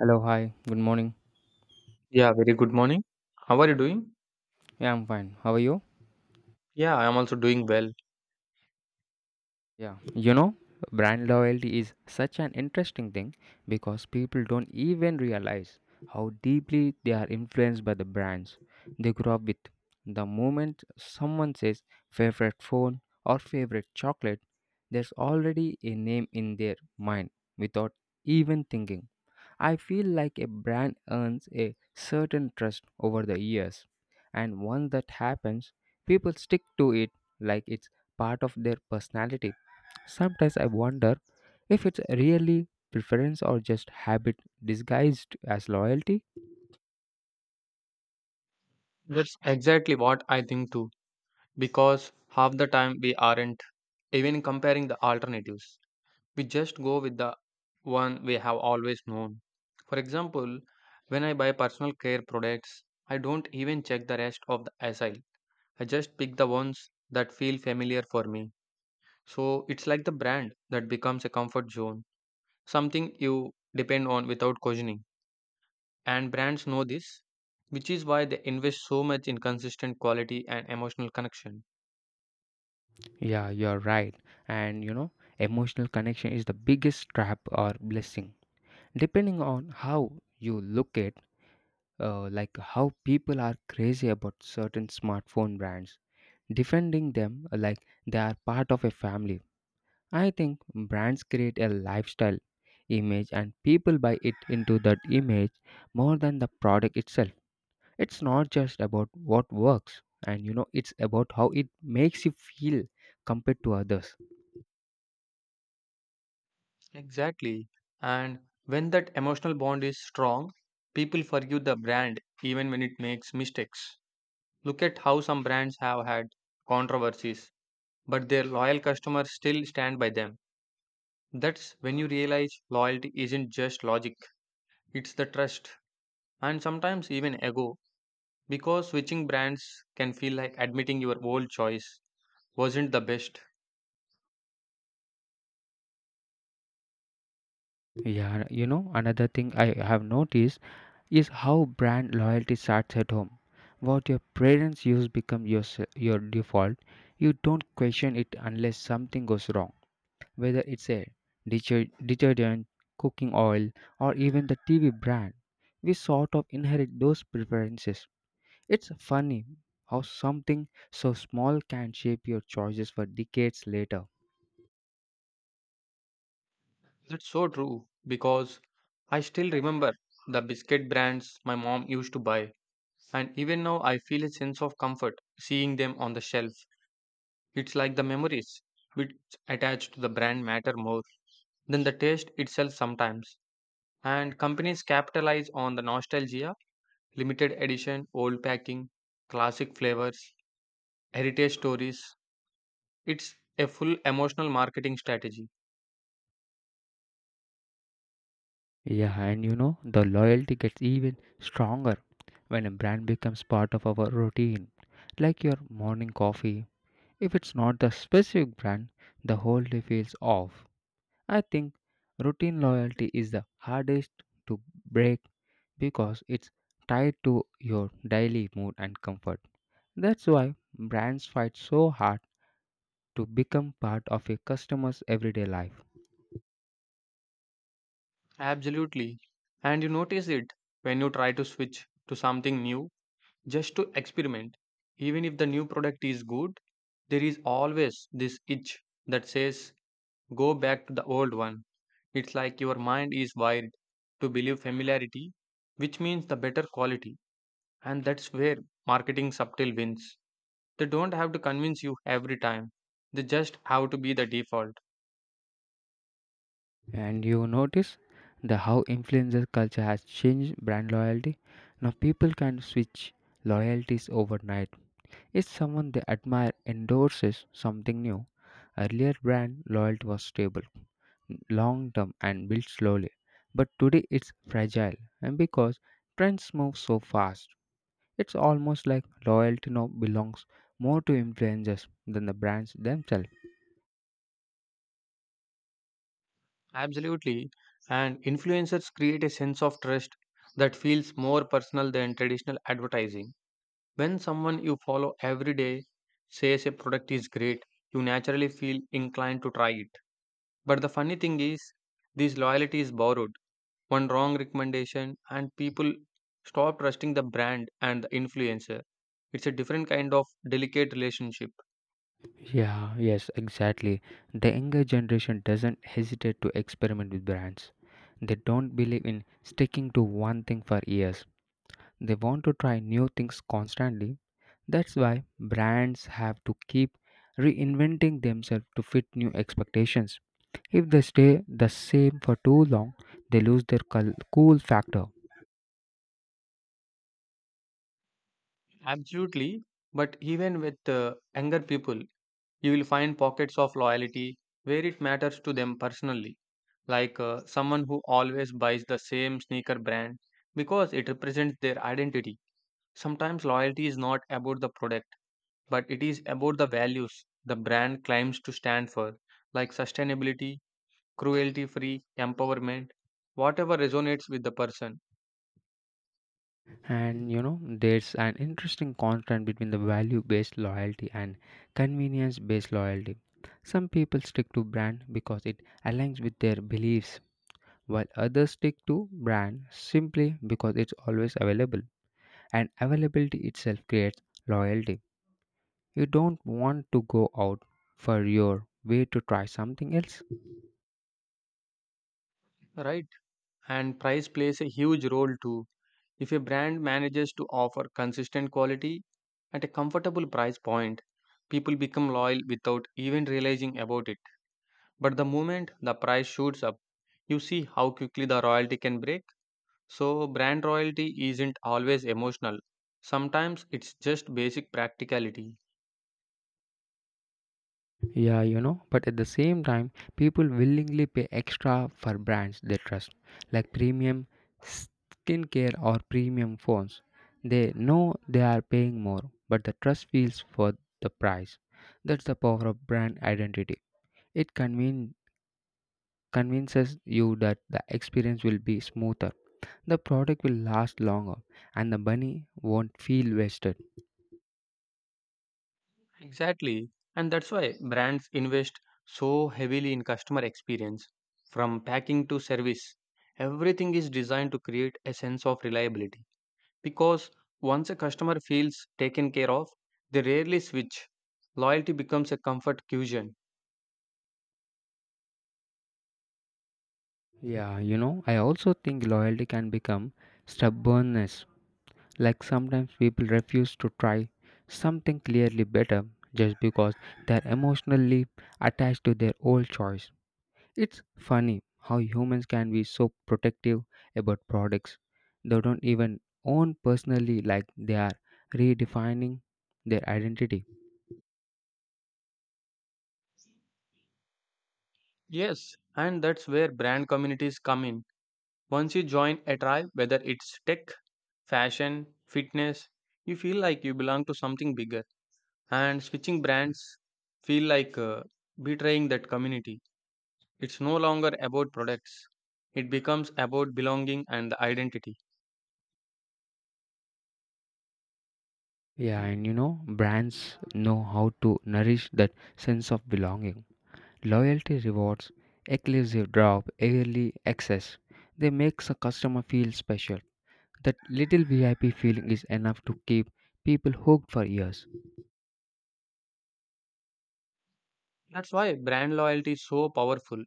Hello, hi, good morning. Yeah, very good morning. How are you doing? Yeah, I'm fine. How are you? Yeah, I am also doing well. Yeah. Brand loyalty is such an interesting thing because people don't even realize how deeply they are influenced by the brands they grew up with. The moment someone says favorite phone or favorite chocolate, there's already a name in their mind without even thinking. I feel like a brand earns a certain trust over the years, and once that happens, people stick to it like it's part of their personality. Sometimes I wonder if it's really preference or just habit disguised as loyalty. That's exactly what I think too. Because half the time we aren't even comparing the alternatives. We just go with the one we have always known. For example, when I buy personal care products, I don't even check the rest of the aisle. I just pick the ones that feel familiar for me. So it's like the brand that becomes a comfort zone, something you depend on without questioning. And brands know this, which is why they invest so much in consistent quality and emotional connection. Yeah, you're right. And emotional connection is the biggest trap or blessing. Depending on how you look at, like how people are crazy about certain smartphone brands, defending them like they are part of a family. I think brands create a lifestyle image and people buy it into that image more than the product itself. It's not just about what works, and it's about how it makes you feel compared to others. Exactly. And when that emotional bond is strong, people forgive the brand even when it makes mistakes. Look at how some brands have had controversies, but their loyal customers still stand by them. That's when you realize loyalty isn't just logic, it's the trust and sometimes even ego because switching brands can feel like admitting your old choice wasn't the best. Yeah. Another thing I have noticed is how brand loyalty starts at home. What your parents use become your default. You don't question it unless something goes wrong. Whether it's a detergent, cooking oil, or even the TV brand, we sort of inherit those preferences. It's funny how something so small can shape your choices for decades later. That's so true because I still remember the biscuit brands my mom used to buy, and even now I feel a sense of comfort seeing them on the shelf. It's like the memories which attach to the brand matter more than the taste itself sometimes. And companies capitalize on the nostalgia, limited edition, old packing, classic flavors, heritage stories. It's a full emotional marketing strategy. Yeah, and the loyalty gets even stronger when a brand becomes part of our routine, like your morning coffee. If it's not the specific brand, the whole day feels off. I think routine loyalty is the hardest to break because it's tied to your daily mood and comfort. That's why brands fight so hard to become part of a customer's everyday life. Absolutely. And you notice it when you try to switch to something new just to experiment. Even if the new product is good, there is always this itch that says, go back to the old one. It's like your mind is wired to believe familiarity, which means the better quality. And that's where marketing subtle wins. They don't have to convince you every time, they just have to be the default. And you notice the how influencer culture has changed brand loyalty. Now people can switch loyalties overnight. If someone they admire endorses something new, earlier brand loyalty was stable, long term and built slowly. But today it's fragile and because trends move so fast. It's almost like loyalty now belongs more to influencers than the brands themselves. Absolutely. And influencers create a sense of trust that feels more personal than traditional advertising. When someone you follow every day says a product is great, you naturally feel inclined to try it. But the funny thing is, this loyalty is borrowed. One wrong recommendation, and people stop trusting the brand and the influencer. It's a different kind of delicate relationship. Yeah, yes, exactly. The younger generation doesn't hesitate to experiment with brands. They don't believe in sticking to one thing for years. They want to try new things constantly. That's why brands have to keep reinventing themselves to fit new expectations. If they stay the same for too long, they lose their cool factor. Absolutely. But even with younger people, you will find pockets of loyalty where it matters to them personally, like someone who always buys the same sneaker brand because it represents their identity. Sometimes loyalty is not about the product, but it is about the values the brand claims to stand for, like sustainability, cruelty free, empowerment, whatever resonates with the person, And there's an interesting contrast between the value based loyalty and convenience based loyalty. Some people stick to brand because it aligns with their beliefs, while others stick to brand simply because it's always available. And availability itself creates loyalty. You don't want to go out for your way to try something else. right? And price plays a huge role too. If a brand manages to offer consistent quality at a comfortable price point, people become loyal without even realizing about it. But the moment the price shoots up, you see how quickly the royalty can break. So, brand royalty isn't always emotional. Sometimes it's just basic practicality. Yeah, but at the same time, people willingly pay extra for brands they trust, like premium skincare or premium phones. They know they are paying more, but the trust feels for the price. That's the power of brand identity. It convinces you that the experience will be smoother, the product will last longer, and the money won't feel wasted. Exactly. And that's why brands invest so heavily in customer experience. From packing to service, everything is designed to create a sense of reliability. Because once a customer feels taken care of, they rarely switch. Loyalty becomes a comfort cushion. Yeah, I also think loyalty can become stubbornness. Like sometimes people refuse to try something clearly better just because they're emotionally attached to their old choice. It's funny how humans can be so protective about products they don't even own personally, like they are redefining their identity. Yes, and that's where brand communities come in. Once you join a tribe, whether it's tech, fashion, fitness, you feel like you belong to something bigger. And switching brands feel like betraying that community. It's no longer about products, it becomes about belonging and the identity. Yeah, and brands know how to nourish that sense of belonging. Loyalty rewards, exclusive drop, early access. They make a customer feel special. That little VIP feeling is enough to keep people hooked for years. That's why brand loyalty is so powerful.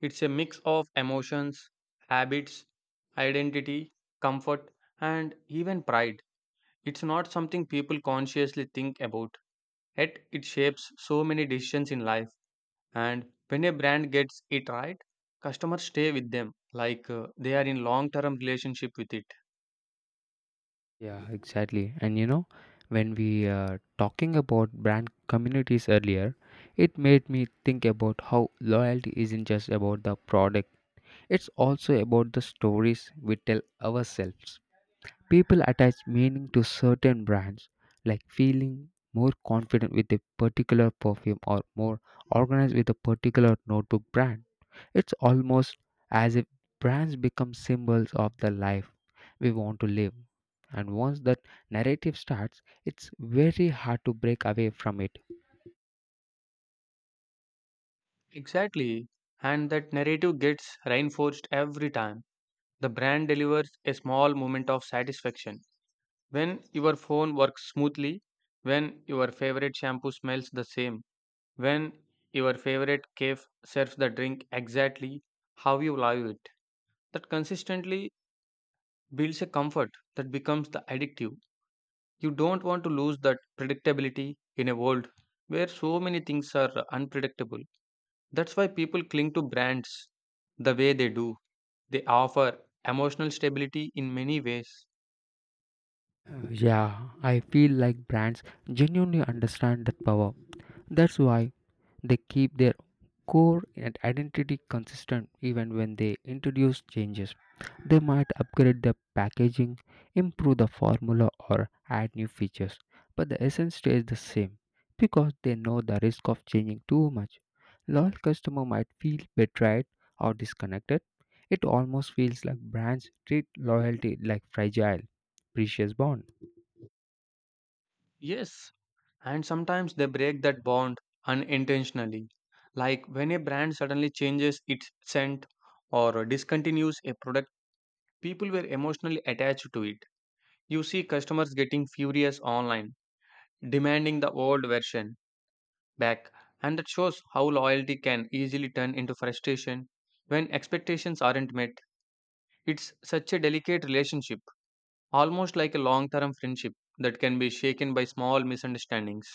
It's a mix of emotions, habits, identity, comfort, and even pride. It's not something people consciously think about, yet it shapes so many decisions in life. And when a brand gets it right, customers stay with them like they are in long term relationship with it. Yeah, exactly. And when we talking about brand communities earlier, it made me think about how loyalty isn't just about the product. It's also about the stories we tell ourselves. People attach meaning to certain brands, like feeling more confident with a particular perfume or more organized with a particular notebook brand. It's almost as if brands become symbols of the life we want to live. And once that narrative starts, it's very hard to break away from it. Exactly. And that narrative gets reinforced every time. The brand delivers a small moment of satisfaction. When your phone works smoothly, when your favorite shampoo smells the same, when your favorite cafe serves the drink exactly how you love it, that consistently builds a comfort that becomes the addictive. You don't want to lose that predictability in a world where so many things are unpredictable. That's why people cling to brands the way they do. They offer emotional stability in many ways. Yeah, I feel like brands genuinely understand that power. That's why they keep their core and identity consistent even when they introduce changes. They might upgrade the packaging, improve the formula, or add new features, but the essence stays the same because they know the risk of changing too much. Loyal customer might feel betrayed or disconnected. It almost feels like brands treat loyalty like fragile, precious bond. Yes, and sometimes they break that bond unintentionally. Like when a brand suddenly changes its scent or discontinues a product, people were emotionally attached to it. You see customers getting furious online, demanding the old version back, and that shows how loyalty can easily turn into frustration when expectations aren't met. It's such a delicate relationship, almost like a long term friendship that can be shaken by small misunderstandings.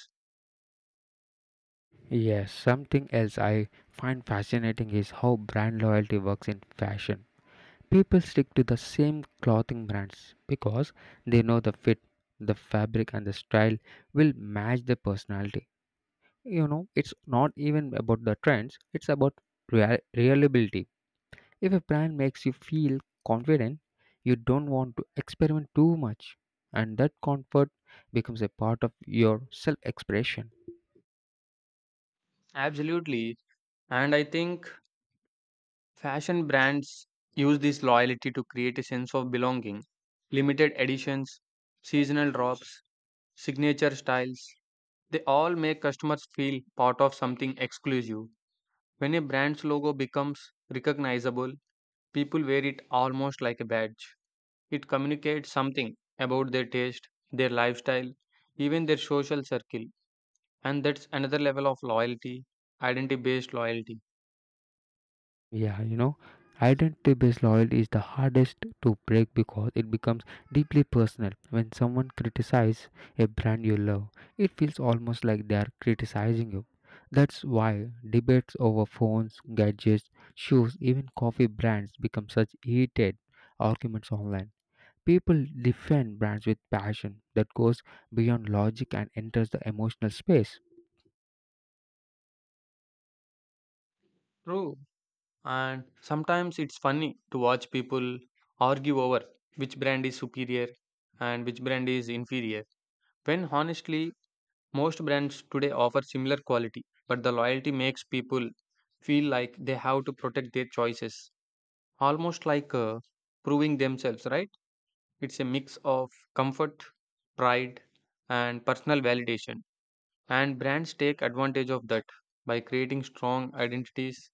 Yes, something else I find fascinating is how brand loyalty works in fashion. People stick to the same clothing brands because they know the fit, the fabric, and the style will match their personality. You know, it's not even about the trends, it's about reliability. If a brand makes you feel confident, you don't want to experiment too much, and that comfort becomes a part of your self expression. Absolutely. And I think fashion brands use this loyalty to create a sense of belonging. Limited editions, seasonal drops, signature styles, they all make customers feel part of something exclusive. When a brand's logo becomes recognizable, people wear it almost like a badge. It communicates something about their taste, their lifestyle, even their social circle. And that's another level of loyalty, identity based loyalty. Yeah, identity based loyalty is the hardest to break because it becomes deeply personal. When someone criticizes a brand you love, it feels almost like they are criticizing you. That's why debates over phones, gadgets, shoes, even coffee brands become such heated arguments online. People defend brands with passion that goes beyond logic and enters the emotional space. True. And sometimes it's funny to watch people argue over which brand is superior and which brand is inferior. When honestly, most brands today offer similar quality, but the loyalty makes people feel like they have to protect their choices, almost like proving themselves, right? It's a mix of comfort, pride, and personal validation. And brands take advantage of that by creating strong identities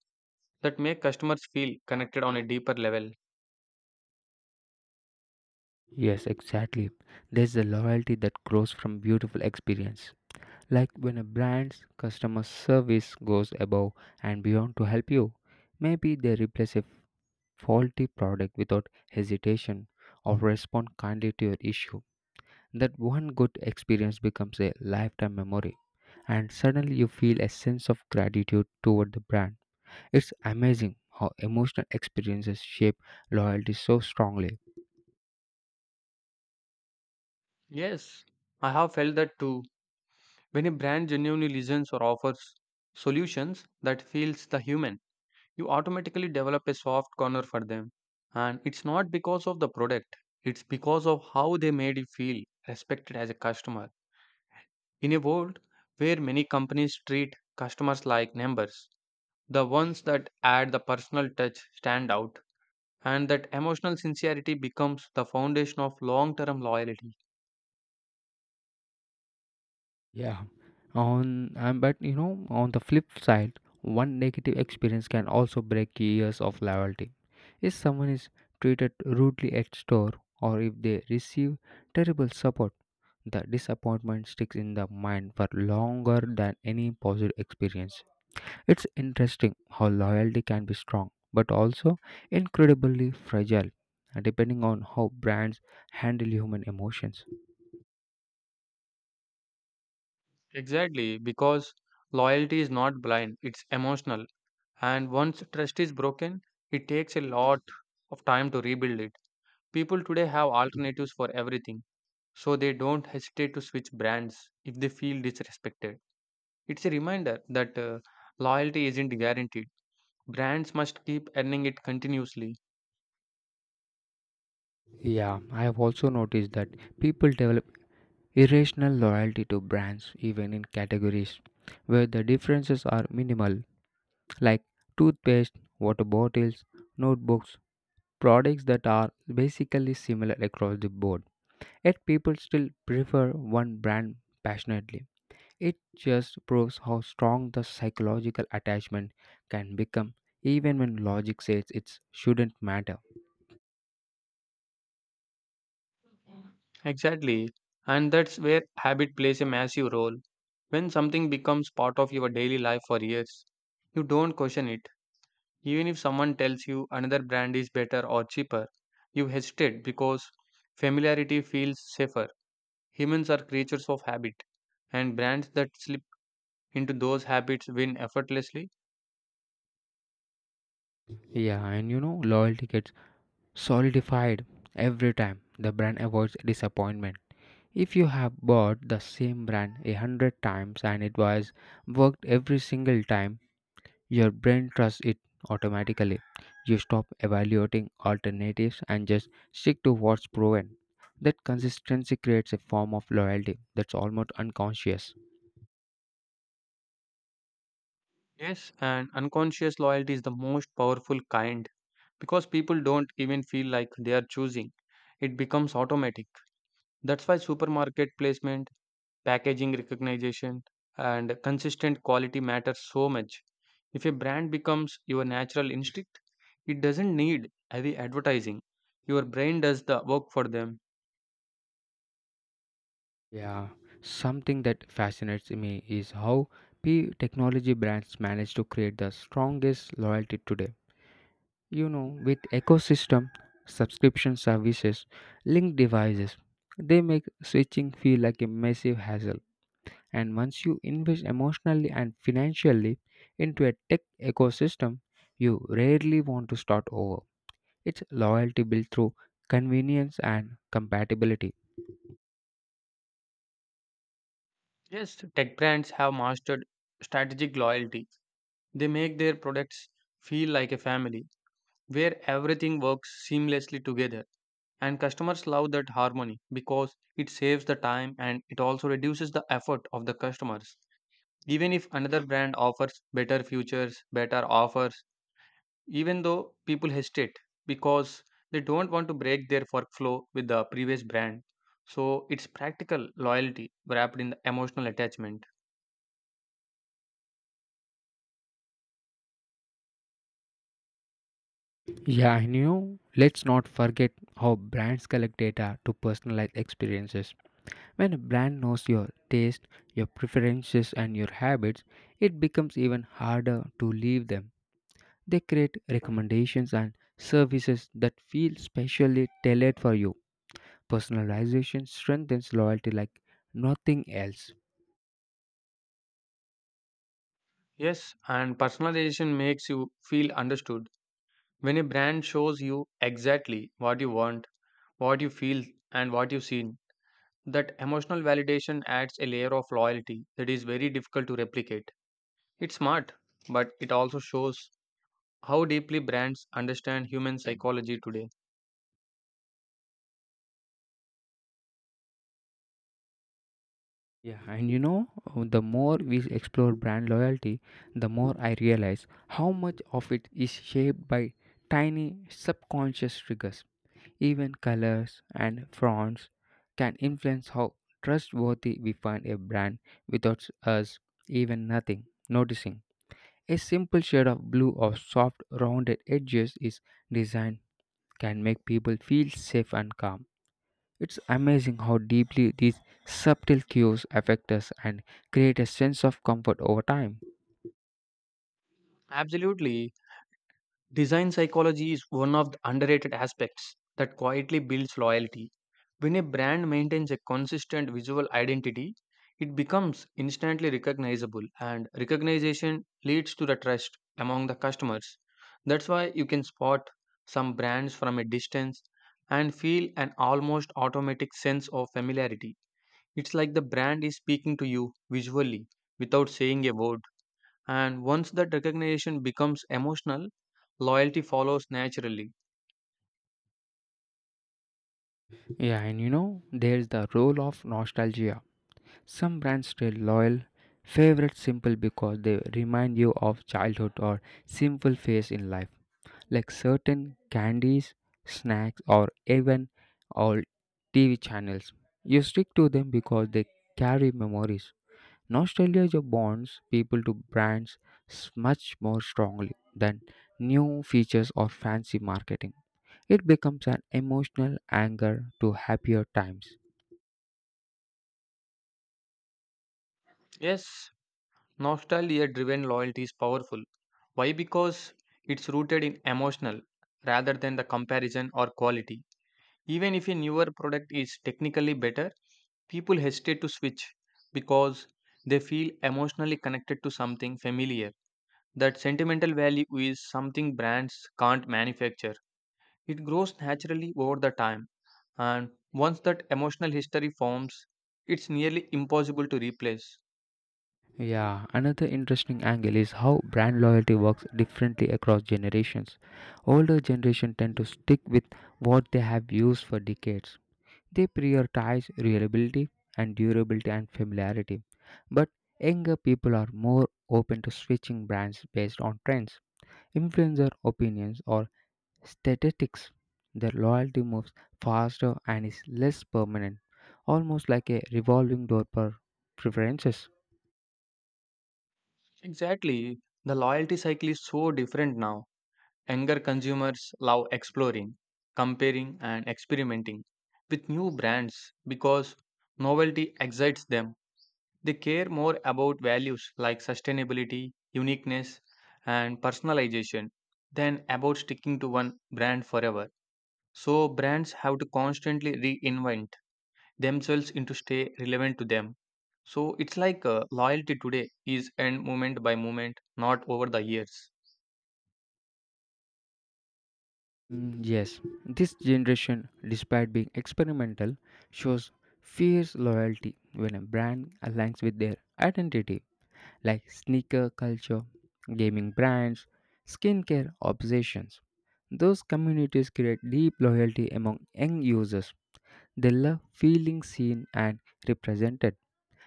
that make customers feel connected on a deeper level. Yes, exactly. There's a loyalty that grows from beautiful experience. Like when a brand's customer service goes above and beyond to help you, maybe they replace a faulty product without hesitation or respond kindly to your issue. That one good experience becomes a lifetime memory, and suddenly you feel a sense of gratitude toward the brand. It's amazing how emotional experiences shape loyalty so strongly. Yes, I have felt that too. When a brand genuinely listens or offers solutions that feels the human, you automatically develop a soft corner for them. And it's not because of the product, it's because of how they made you feel respected as a customer. In a world where many companies treat customers like numbers, the ones that add the personal touch stand out, and that emotional sincerity becomes the foundation of long term loyalty. Yeah. On but you know, on the flip side, one negative experience can also break years of loyalty. If someone is treated rudely at store or if they receive terrible support, the disappointment sticks in the mind for longer than any positive experience. It's interesting how loyalty can be strong but also incredibly fragile, depending on how brands handle human emotions. Exactly, because loyalty is not blind, it's emotional. And once trust is broken, it takes a lot of time to rebuild it. People today have alternatives for everything, so they don't hesitate to switch brands if they feel disrespected. It's a reminder that loyalty isn't guaranteed. Brands must keep earning it continuously. Yeah, I have also noticed that people develop irrational loyalty to brands even in categories where the differences are minimal, like toothpaste, water bottles, notebooks, products that are basically similar across the board, yet people still prefer one brand passionately. It just proves how strong the psychological attachment can become even when logic says it shouldn't matter. Exactly. And that's where habit plays a massive role. When something becomes part of your daily life for years, you don't question it. Even if someone tells you another brand is better or cheaper, you hesitate because familiarity feels safer. Humans are creatures of habit, and brands that slip into those habits win effortlessly. Yeah, and loyalty gets solidified every time the brand avoids disappointment. If you have bought the same brand a hundred times and it was worked every single time, your brain trusts it automatically. You stop evaluating alternatives and just stick to what's proven. That consistency creates a form of loyalty that's almost unconscious. Yes, and unconscious loyalty is the most powerful kind because people don't even feel like they are choosing, it becomes automatic. That's why supermarket placement, packaging recognition, and consistent quality matter so much. If a brand becomes your natural instinct, it doesn't need heavy advertising. Your brain does the work for them. Yeah, something that fascinates me is how P technology brands manage to create the strongest loyalty today. You know, with ecosystem, subscription services, linked devices, they make switching feel like a massive hassle, and once you invest emotionally and financially into a tech ecosystem, you rarely want to start over. It's loyalty built through convenience and compatibility. Yes, tech brands have mastered strategic loyalty. They make their products feel like a family where everything works seamlessly together. And customers love that harmony because it saves the time and it also reduces the effort of the customers. Even if another brand offers better futures better offers, even though people hesitate because they don't want to break their workflow with the previous brand, so it's practical loyalty wrapped in the emotional attachment. Yeah, I know. Let's not forget how brands collect data to personalize experiences. When a brand knows your taste, your preferences, and your habits, it becomes even harder to leave them. They create recommendations and services that feel specially tailored for you. Personalization strengthens loyalty like nothing else. Yes, and personalization makes you feel understood. When a brand shows you exactly what you want, what you feel, and what you've seen, that emotional validation adds a layer of loyalty that is very difficult to replicate. It's smart, but it also shows how deeply brands understand human psychology today. Yeah, and you know, the more we explore brand loyalty, the more I realize how much of it is shaped by tiny subconscious triggers. Even colors and fonts can influence how trustworthy we find a brand without us even nothing noticing. A simple shade of blue or soft rounded edges is design can make people feel safe and calm. It's amazing how deeply these subtle cues affect us and create a sense of comfort over time. Absolutely. Design psychology is one of the underrated aspects that quietly builds loyalty. When a brand maintains a consistent visual identity, it becomes instantly recognizable, and recognition leads to the trust among the customers. That's why you can spot some brands from a distance and feel an almost automatic sense of familiarity. It's like the brand is speaking to you visually without saying a word. And once that recognition becomes emotional, loyalty follows naturally. Yeah, and there's the role of nostalgia. Some brands stay loyal, favorite simple because they remind you of childhood or simple phase in life. Like certain candies, snacks, or even old TV channels. You stick to them because they carry memories. Nostalgia bonds people to brands much more strongly than new features or fancy marketing. It becomes an emotional anchor to happier times. Yes, nostalgia driven loyalty is powerful. Why? Because it's rooted in emotional rather than the comparison or quality. Even if a newer product is technically better, people hesitate to switch because they feel emotionally connected to something familiar. That sentimental value is something brands can't manufacture. It grows naturally over the time, and once that emotional history forms, it's nearly impossible to replace. Yeah, another interesting angle is how brand loyalty works differently across generations. Older generation tend to stick with what they have used for decades. They prioritize reliability and durability and familiarity. But younger people are more open to switching brands based on trends, influencer opinions, or statistics. Their loyalty moves faster and is less permanent, almost like a revolving door per preferences. Exactly, the loyalty cycle is so different now. Younger consumers love exploring, comparing, and experimenting with new brands because novelty excites them. They care more about values like sustainability, uniqueness, and personalization than about sticking to one brand forever. So brands have to constantly reinvent themselves into stay relevant to them. So it's like loyalty today is earned moment by moment, not over the years. Mm, yes, this generation, despite being experimental, shows fierce loyalty when a brand aligns with their identity. Like sneaker culture, gaming brands, skincare obsessions. Those communities create deep loyalty among young users. They love feeling seen and represented.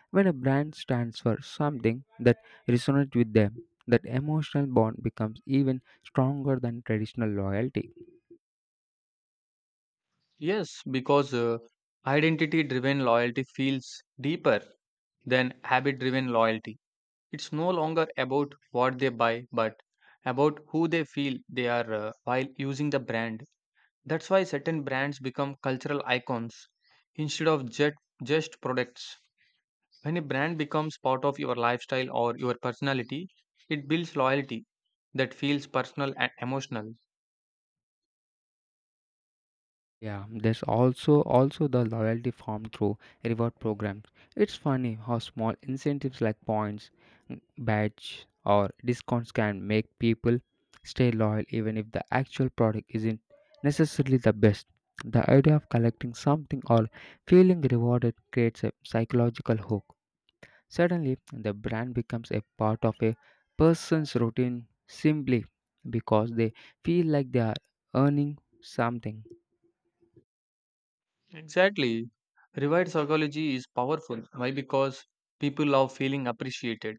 When a brand stands for something that resonates with them, that emotional bond becomes even stronger than traditional loyalty. Yes, because identity driven loyalty feels deeper than habit driven loyalty. It's no longer about what they buy, but about who they feel they are while using the brand. That's why certain brands become cultural icons instead of just products. When a brand becomes part of your lifestyle or your personality, it builds loyalty that feels personal and emotional. Yeah, there's also the loyalty formed through reward programs. It's funny how small incentives like points, badge, or discounts can make people stay loyal even if the actual product isn't necessarily the best. The idea of collecting something or feeling rewarded creates a psychological hook. Suddenly, the brand becomes a part of a person's routine simply because they feel like they are earning something. Exactly. Reward psychology is powerful. Why? Because people love feeling appreciated,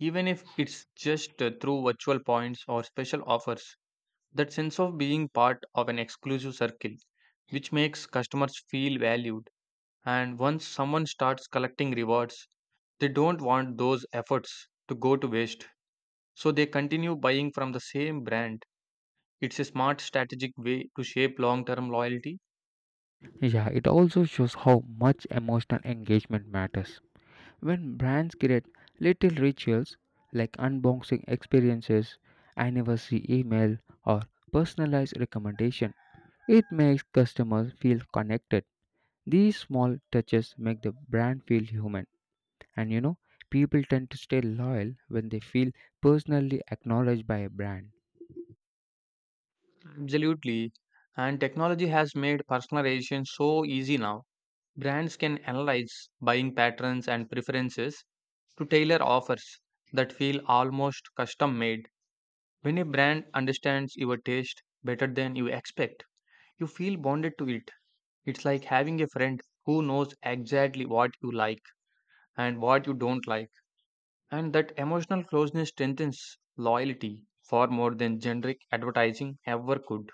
even if it's just through virtual points or special offers. That sense of being part of an exclusive circle, which makes customers feel valued. And once someone starts collecting rewards, they don't want those efforts to go to waste. So they continue buying from the same brand. It's a smart strategic way to shape long term loyalty. Yeah, it also shows how much emotional engagement matters. When brands create little rituals like unboxing experiences, anniversary email, or personalized recommendation, it makes customers feel connected. These small touches make the brand feel human, and people tend to stay loyal when they feel personally acknowledged by a brand. Absolutely. And technology has made personalization so easy now. Brands can analyze buying patterns and preferences to tailor offers that feel almost custom made. When a brand understands your taste better than you expect, you feel bonded to it. It's like having a friend who knows exactly what you like and what you don't like. And that emotional closeness strengthens loyalty far more than generic advertising ever could.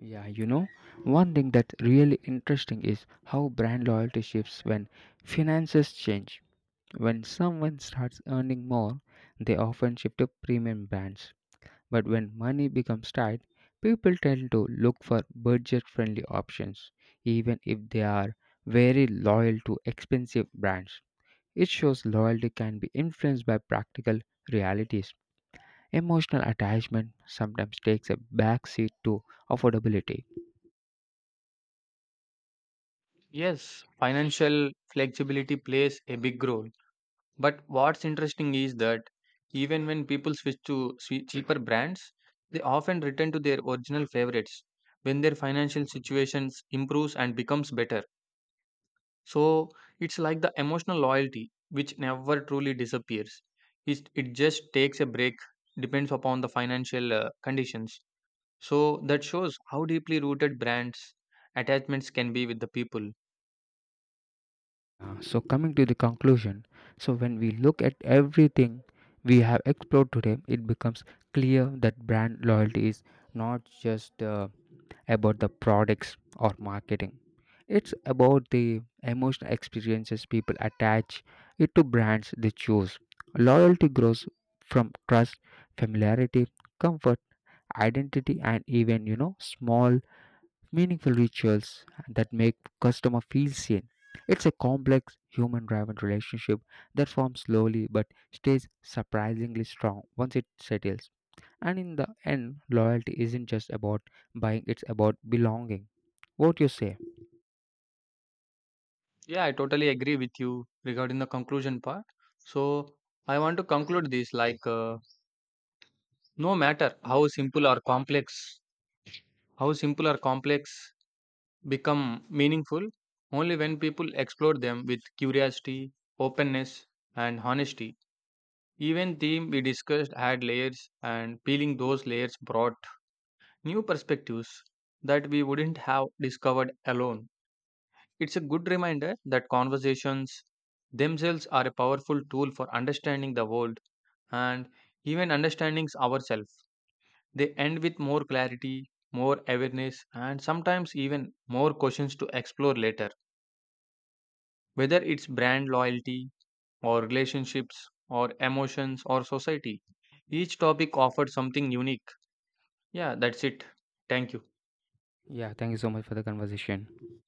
Yeah, one thing that's really interesting is how brand loyalty shifts when finances change. When someone starts earning more, they often shift to premium brands. But when money becomes tight, people tend to look for budget friendly options, even if they are very loyal to expensive brands. It shows loyalty can be influenced by practical realities. Emotional attachment sometimes takes a backseat to affordability. Yes, financial flexibility plays a big role. But what's interesting is that even when people switch to cheaper brands, they often return to their original favorites when their financial situations improves and becomes better. So it's like the emotional loyalty which never truly disappears. It just takes a break, depends upon the financial conditions. So that shows how deeply rooted brands attachments can be with the people. So coming to the conclusion, so when we look at everything we have explored today, it becomes clear that brand loyalty is not just about the products or marketing. It's about the emotional experiences people attach it to brands they choose. Loyalty grows from trust, familiarity, comfort, identity, and even, small, meaningful rituals that make customer feel seen. It's a complex human-driven relationship that forms slowly but stays surprisingly strong once it settles. And in the end, loyalty isn't just about buying, it's about belonging. What you say? Yeah, I totally agree with you regarding the conclusion part. So I want to conclude this like no matter how simple or complex become meaningful only when people explore them with curiosity, openness, and honesty. Even theme we discussed had layers, and peeling those layers brought new perspectives that we wouldn't have discovered alone. It's a good reminder that conversations themselves are a powerful tool for understanding the world and even understanding ourselves. They end with more clarity, more awareness, and sometimes even more questions to explore later. Whether it's brand loyalty, or relationships, or emotions, or society, each topic offers something unique. Yeah, that's it. Thank you. Yeah, thank you so much for the conversation.